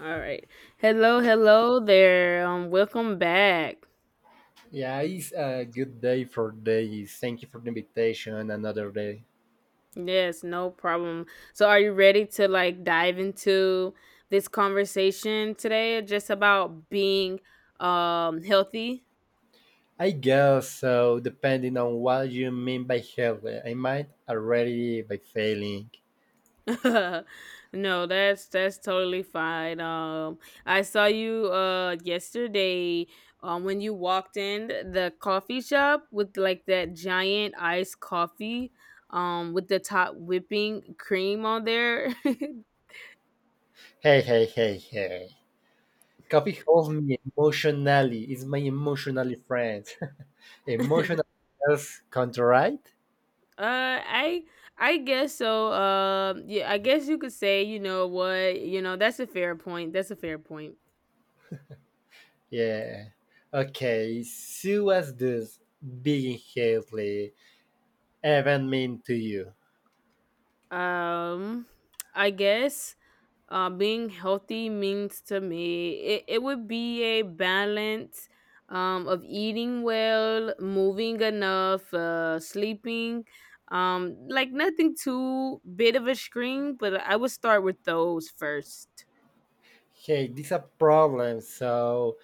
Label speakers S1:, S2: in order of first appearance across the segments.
S1: All right. Hello, hello there. Welcome back.
S2: Yeah, it's a good day for days. Thank you for the invitation and another day.
S1: Yes, no problem. So, are you ready to like dive into this conversation today, just about being healthy?
S2: I guess so, depending on what you mean by healthy. I might already be failing.
S1: No, that's totally fine. I saw you yesterday, when you walked in the coffee shop with like that giant iced coffee, with the top whipping cream on there.
S2: Hey, hey, hey, hey. Coffee holds me emotionally. It's my emotionally friend. Emotional health contraright?
S1: Uh, I I guess so. Yeah, I guess you could say, you know what, that's a fair point. That's a fair point.
S2: Yeah. Okay, so what's this being healthy even mean to you?
S1: Um, I guess being healthy means to me it would be a balance of eating well, moving enough, sleeping, like nothing too big of a screen, but I would start with those first.
S2: Hey, this is a problem. So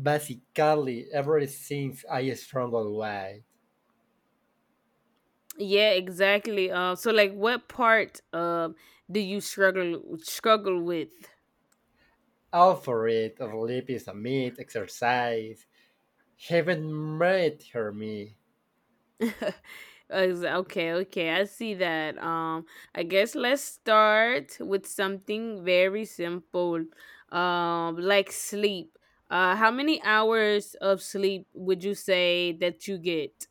S2: basically, ever since I struggle with
S1: Yeah, exactly. So like what part do you struggle with?
S2: all for it, sleep is a myth, exercise, haven't met her me.
S1: Okay, okay. I see that. I guess let's start with something very simple. Like sleep. How many hours of sleep would you say that you get?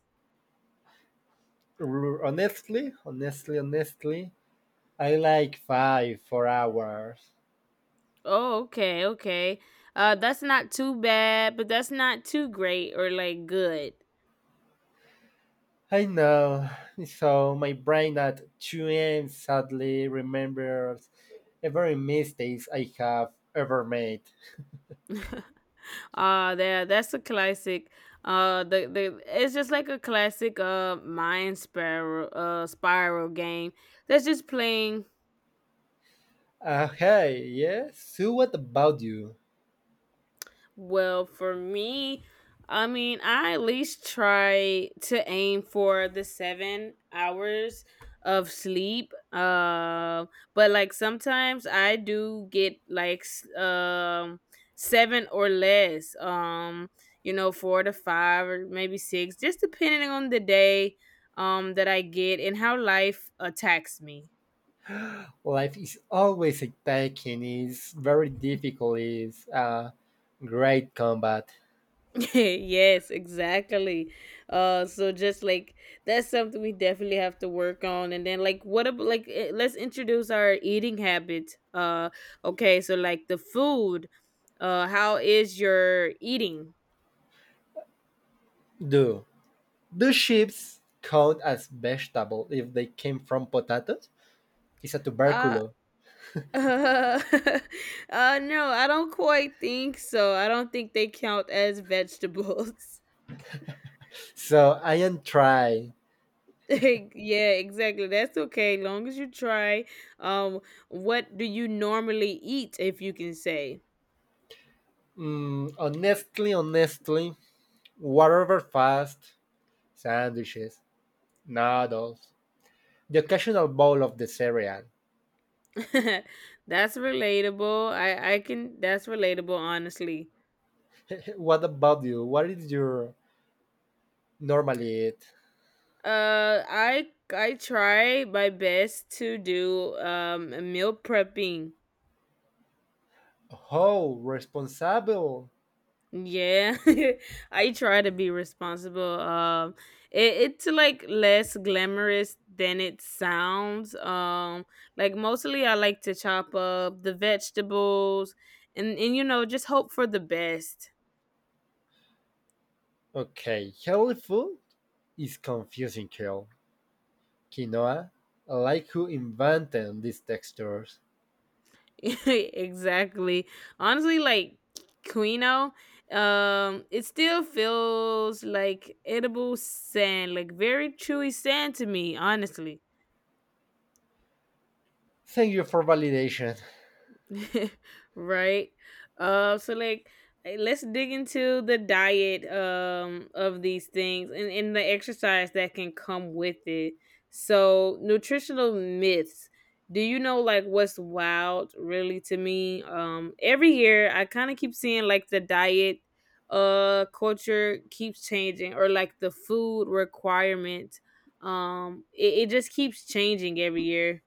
S2: Honestly, honestly, honestly, I like five, 4 hours.
S1: Oh, okay, okay. That's not too bad, but that's not too great or like good.
S2: I know. So my brain at 2 a.m. sadly remembers every mistakes I have ever made.
S1: There, that's a classic, the it's just like a classic mind spiral, spiral game that's just playing.
S2: Hey, yes? So what about you?
S1: Well, for me, I mean, I at least try to aim for the 7 hours of sleep. But like sometimes I do get like seven or less. You know, four to five or maybe six, just depending on the day that I get and how life attacks me.
S2: Life is always attacking. It's very difficult. It's a great combat.
S1: Yes, exactly. So just like that's something we definitely have to work on. And then like what about like let's introduce our eating habits. Okay, so like the food. How is your eating?
S2: Do do ships count as vegetable if they came from potatoes? It's a
S1: Uh,
S2: tuberculo.
S1: uh, no, I don't quite think so. I don't think they count as vegetables.
S2: So I am try.
S1: Like, yeah, exactly. That's okay, long as you try. Um, what do you normally eat, if you can say?
S2: Mm, honestly, honestly, whatever fast sandwiches, noodles, the occasional bowl of the cereal.
S1: That's relatable. I can, that's relatable honestly.
S2: What about you? What is your normally eat?
S1: Uh I I try my best to do a meal prepping.
S2: Oh, responsible.
S1: Yeah. I try to be responsible. It's like less glamorous than it sounds. Like mostly I like to chop up the vegetables and you know, just hope for the best.
S2: Okay, healthy food is confusing, Kale. Quinoa, I like who invented these textures.
S1: Exactly. Honestly, like Quino, it still feels like edible sand, like very chewy sand to me, honestly.
S2: Thank you for validation.
S1: Right. So like let's dig into the diet of these things, and the exercise that can come with it. So nutritional myths, do you know like what's wild really to me? Every year I kind of keep seeing like the diet culture keeps changing, or like the food requirement. It just keeps changing every year.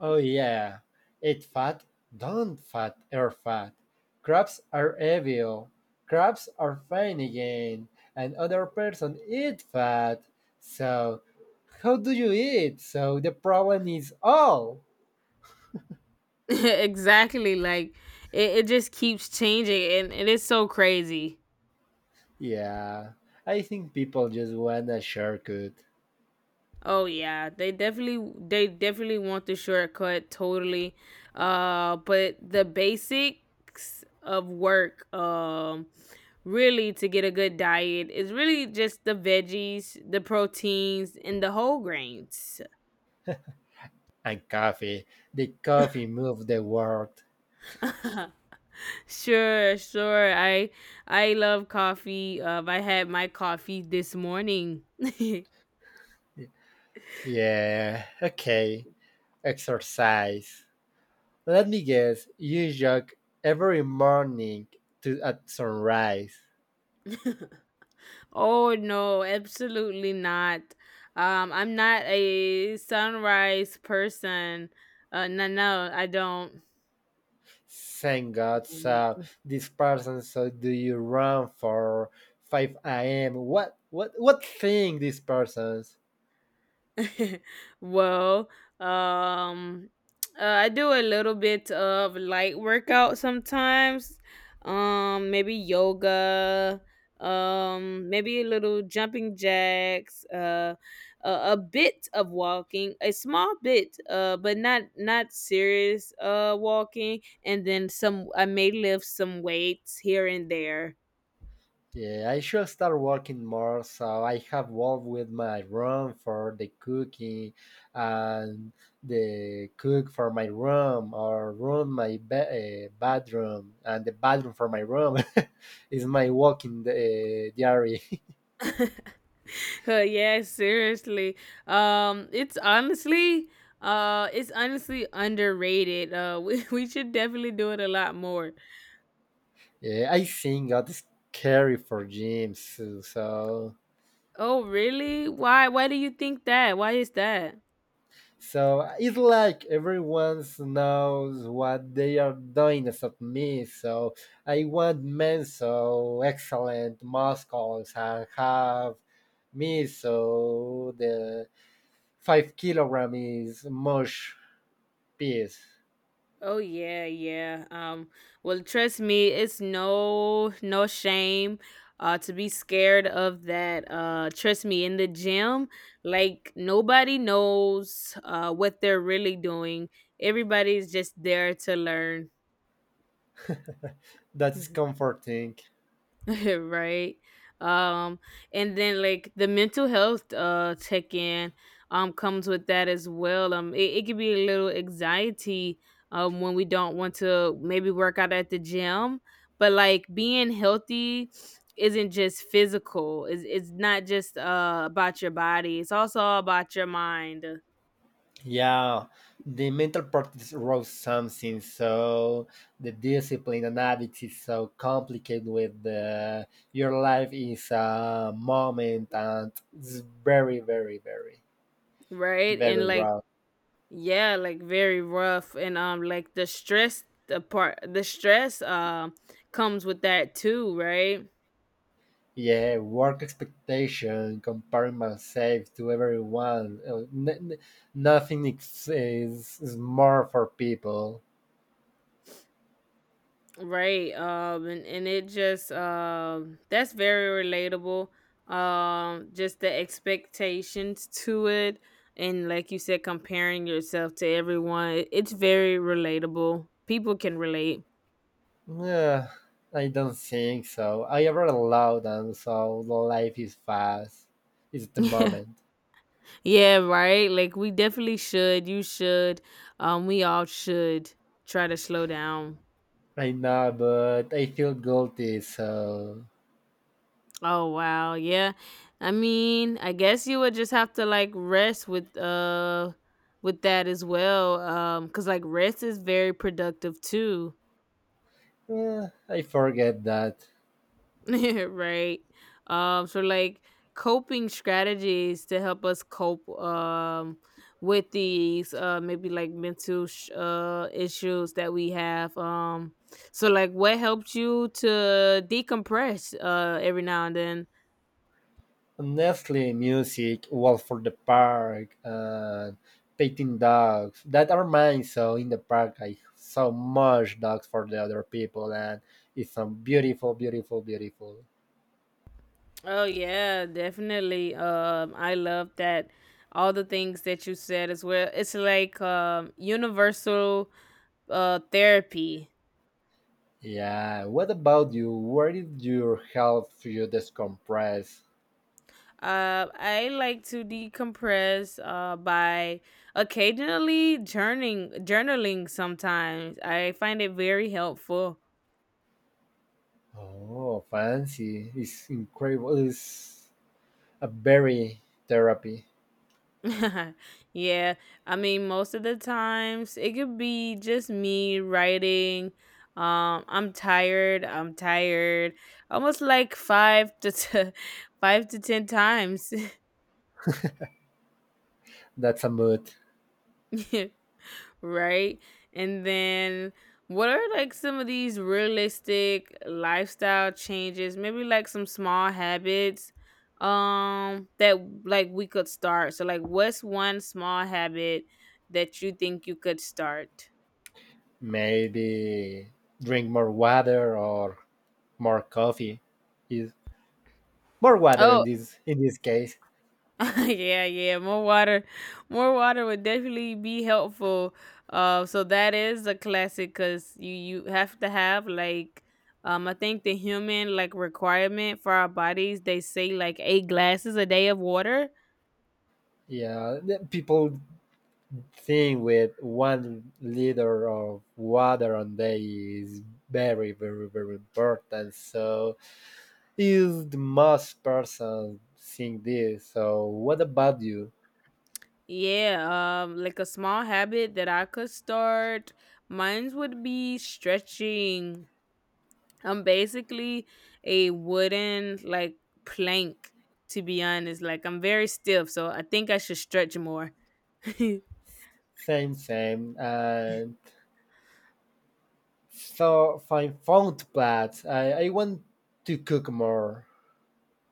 S2: Oh yeah, eat fat, don't fat, air fat. Crabs are evil. Crabs are fine again. And other person eat fat. So how do you eat? So the problem is all.
S1: Exactly. Like it just keeps changing, and it's so crazy.
S2: Yeah, I think people just wanna shortcut.
S1: Oh yeah, they definitely want the shortcut, totally. But the basics of work, really, to get a good diet is really just the veggies, the proteins and the whole grains.
S2: And coffee. The coffee moved the world.
S1: Sure, sure. I love coffee. I had my coffee this morning.
S2: Yeah, okay. Exercise. Let me guess, you jog every morning to at sunrise.
S1: Oh no, absolutely not. I'm not a sunrise person. No, no, I don't.
S2: Thank God. So this person so do you run for five AM? What thing this person's?
S1: Well, um, I do a little bit of light workout sometimes. Maybe yoga. Maybe a little jumping jacks. A bit of walking, a small bit. But not not serious. Walking, and then some. I may lift some weights here and there.
S2: Yeah, I should start working more so I have work with my room for the cooking and the cook for my room or room my bathroom and the bathroom for my room is my walking diary.
S1: Yes, seriously. It's honestly, it's honestly underrated. We, we should definitely do it a lot more.
S2: Yeah, I think that's scary for gyms so
S1: Oh, really? Why? Why do you think that? Why is that?
S2: so it's like everyone knows what they are doing except me. So I want men so excellent muscles and have me so the 5 kilogram is mush piece.
S1: Oh yeah, yeah. Well, trust me, it's no no shame to be scared of that. Trust me, in the gym, like nobody knows what they're really doing. Everybody's just there to learn.
S2: That is comforting.
S1: Right. um and then like the mental health check in comes with that as well. It can be a little anxiety when we don't want to maybe work out at the gym. But like being healthy isn't just physical. It's not just about your body, it's also about your mind.
S2: Yeah, the mental practice rose something, so the discipline and habits is so complicated with your life is a moment and it's very, very, very,
S1: Right. And
S2: very
S1: like
S2: raw.
S1: yeah, like very rough, and like the stress comes with that too, right?
S2: Yeah, work expectation, comparing myself to everyone. Nothing is more for people.
S1: Right. And it just, that's very relatable. Just the expectations to it, and like you said, comparing yourself to everyone. It's very relatable. People can relate.
S2: Yeah, I don't think so. I ever allowed and so life is fast. It's the
S1: Yeah.
S2: moment.
S1: Yeah, right? Like we definitely should. You should. We all should try to slow down.
S2: I know, but I feel guilty, so
S1: Oh wow, yeah. I mean, I guess you would just have to like rest with that as well. Cuz like rest is very productive too.
S2: I forget that.
S1: Right? So like coping strategies to help us cope with these maybe like mental issues that we have. So like what helped you to decompress every now and then?
S2: Honestly, music, walk for the park, and petting dogs. That are mine. So in the park, I saw much dogs for the other people, and it's so beautiful, beautiful, beautiful.
S1: Oh yeah, definitely. I love that all the things that you said as well. It's like universal therapy.
S2: Yeah. What about you? Where did your health you decompress?
S1: I like to decompress by occasionally journaling. Journaling, sometimes I find it very helpful.
S2: Oh, fancy. It's incredible. It's a very therapy.
S1: Yeah, I mean, most of the times it could be just me writing. I'm tired. I'm tired. Almost like five to ten times.
S2: That's a mood.
S1: Right? And then what are like some of these realistic lifestyle changes? Maybe like some small habits that like we could start. So like, what's one small habit that you think you could start?
S2: Maybe drink more water or more coffee. Is more water in
S1: Oh,
S2: this case.
S1: yeah, yeah. More water would definitely be helpful. So that is a classic because you have to have like, I think the human like requirement for our bodies. They say like eight glasses a day of water.
S2: Yeah, the people think with 1 liter of water on day is very, very, very important. So is the most person think this. So what about you?
S1: Yeah. Like a small habit that I could start. Mine would be stretching. I'm basically a wooden like plank. To be honest, like I'm very stiff, so I think I should stretch more.
S2: Same, same. And so I found plats. I want to cook more.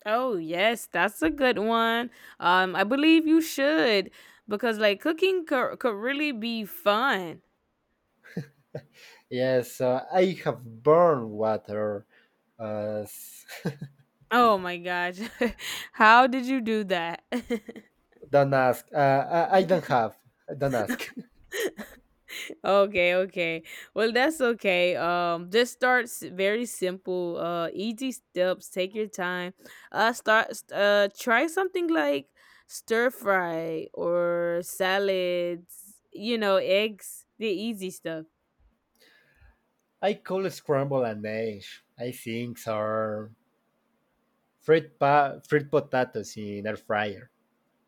S1: Oh yes, that's a good one. I believe you should, because like cooking could really be fun.
S2: Yes, so I have burned water. Uh, s-
S1: Oh my gosh, how did you do that?
S2: don't ask. I don't have. Don't ask.
S1: Okay, okay. Well, that's okay. Just very simple, easy steps. Take your time. Start. Try something like stir fry or salads. You know, eggs. The easy stuff.
S2: I call scramble an egg. I think or fried potatoes in air fryer.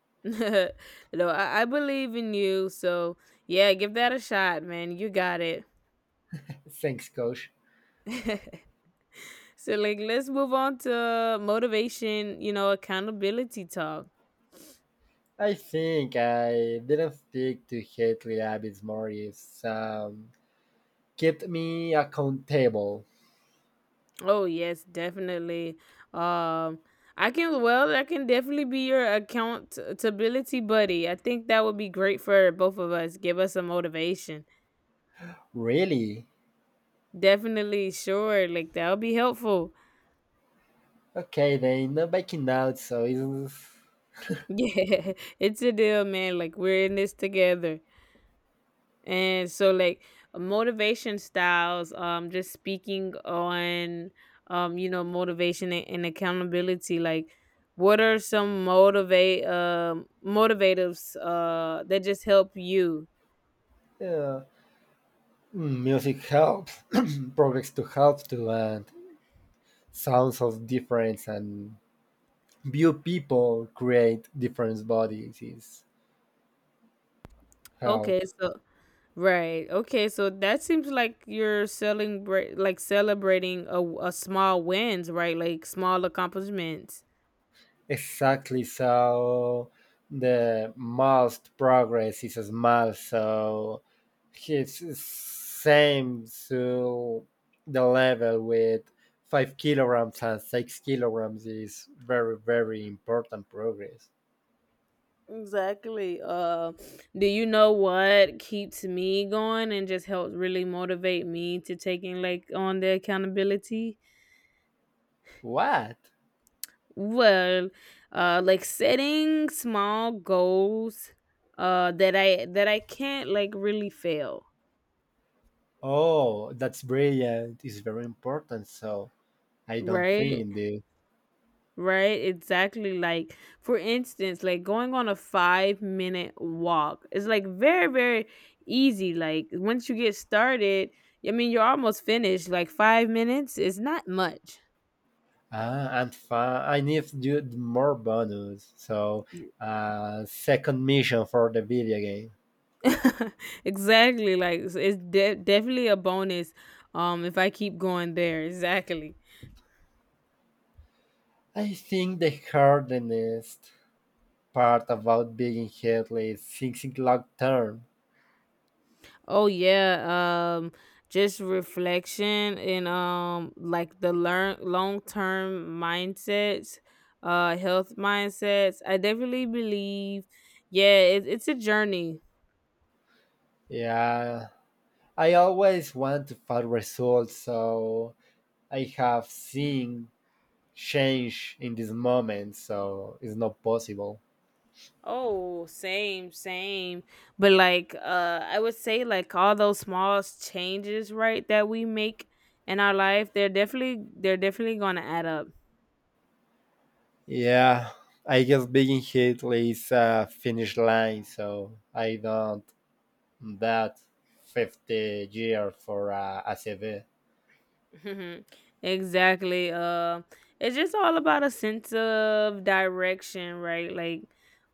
S1: No, I believe in you. So yeah, give that a shot, man. You got it.
S2: Thanks, coach.
S1: So like let's move on to motivation, you know, accountability talk.
S2: I think I didn't stick to Hatley Abby's Morris. Kept me accountable.
S1: Oh yes, definitely. Um I can, well, I can definitely be your accountability buddy. I think that would be great for both of us. Give us some motivation.
S2: Really?
S1: Definitely, sure. Like that'll be helpful.
S2: Okay, then no backing out, so it's.
S1: Yeah. It's a deal, man. Like we're in this together. And so like motivation styles, just speaking on you know, motivation and accountability, like what are some motivate motivatives that just help you?
S2: Yeah. Mm, music helps, projects to help to and sounds of difference and view people create different bodies is
S1: Okay,
S2: help.
S1: so right. Okay, so that seems like you're celebrating, like celebrating a small wins, right? Like small accomplishments.
S2: Exactly, so the most progress is small, so he's same to the level with 5 kilograms and 6 kilograms is very, very important progress.
S1: Exactly. Do you know what keeps me going and just helps really motivate me to taking like on the accountability?
S2: What?
S1: Well, like setting small goals, that I can't like really fail,
S2: Oh, that's brilliant. It's very important. So I don't think
S1: right?
S2: in the
S1: Right, exactly. Like, for instance, like going on a 5 minute walk is like very, very easy. Like, once you get started, I mean, you're almost finished. Like, 5 minutes is not much.
S2: ah, and fa- I need to do more bonus. So second mission for the video game.
S1: Exactly. Like, it's definitely a bonus, if I keep going there. Exactly.
S2: I think the hardest part about being healthy is thinking long term.
S1: Oh yeah, just reflection and like the learn long-term mindsets, health mindsets. I definitely believe, yeah, it's a journey.
S2: Yeah, I always want fast results, so I have seen change in this moment, so it's not possible.
S1: Oh, same, same. But like I would say like all those small changes, right, that we make in our life, they're definitely going to add up.
S2: Yeah, I guess being hit is a finish line, so I don't that 50 year for a ACV.
S1: Mhm. Exactly. It's just all about a sense of direction, right? Like,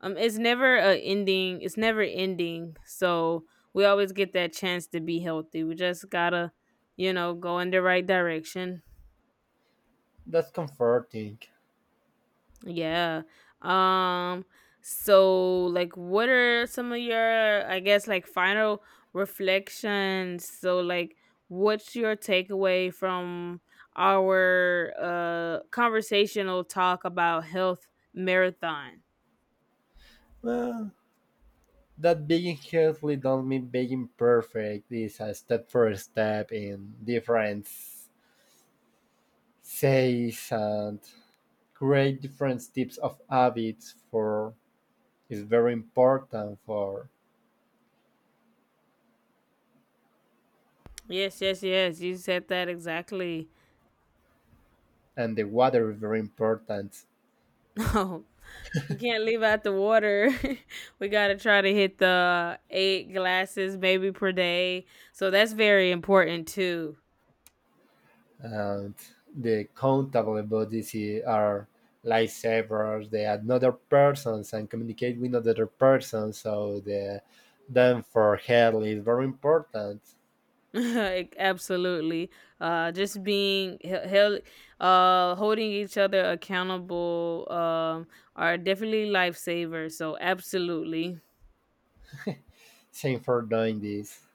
S1: it's never a ending. It's never ending. So we always get that chance to be healthy. We just gotta, you know, go in the right direction.
S2: That's comforting.
S1: Yeah. Um so like what are some of your, I guess, like final reflections? So like what's your takeaway from our conversational talk about health marathon?
S2: Well, that being healthy don't mean being perfect. It's a step for step in different says and create different types of habits for is very important for
S1: Yes, yes, yes. You said that exactly.
S2: and the water is very important
S1: No. We can't leave out the water. We got to try to hit the 8 glasses maybe per day. So that's very important too.
S2: and the countable bodies are lifesavers. They add other persons and communicate with other persons so the then for health is very important
S1: Like, absolutely. Just being held, holding each other accountable, are definitely lifesavers. So, absolutely.
S2: same for doing this.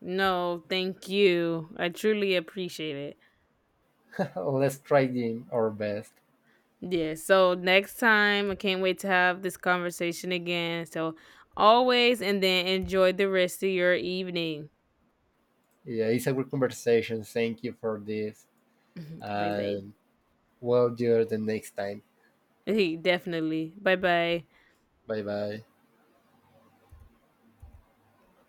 S1: No, thank you. I truly appreciate it.
S2: Let's try doing our best.
S1: Yeah. So, next time, I can't wait to have this conversation again. So, always, and then enjoy the rest of your evening.
S2: Yeah, it's a good conversation. Thank you for this
S1: Bye bye.
S2: and we'll do it the next time.
S1: Definitely. Bye bye.
S2: Bye bye.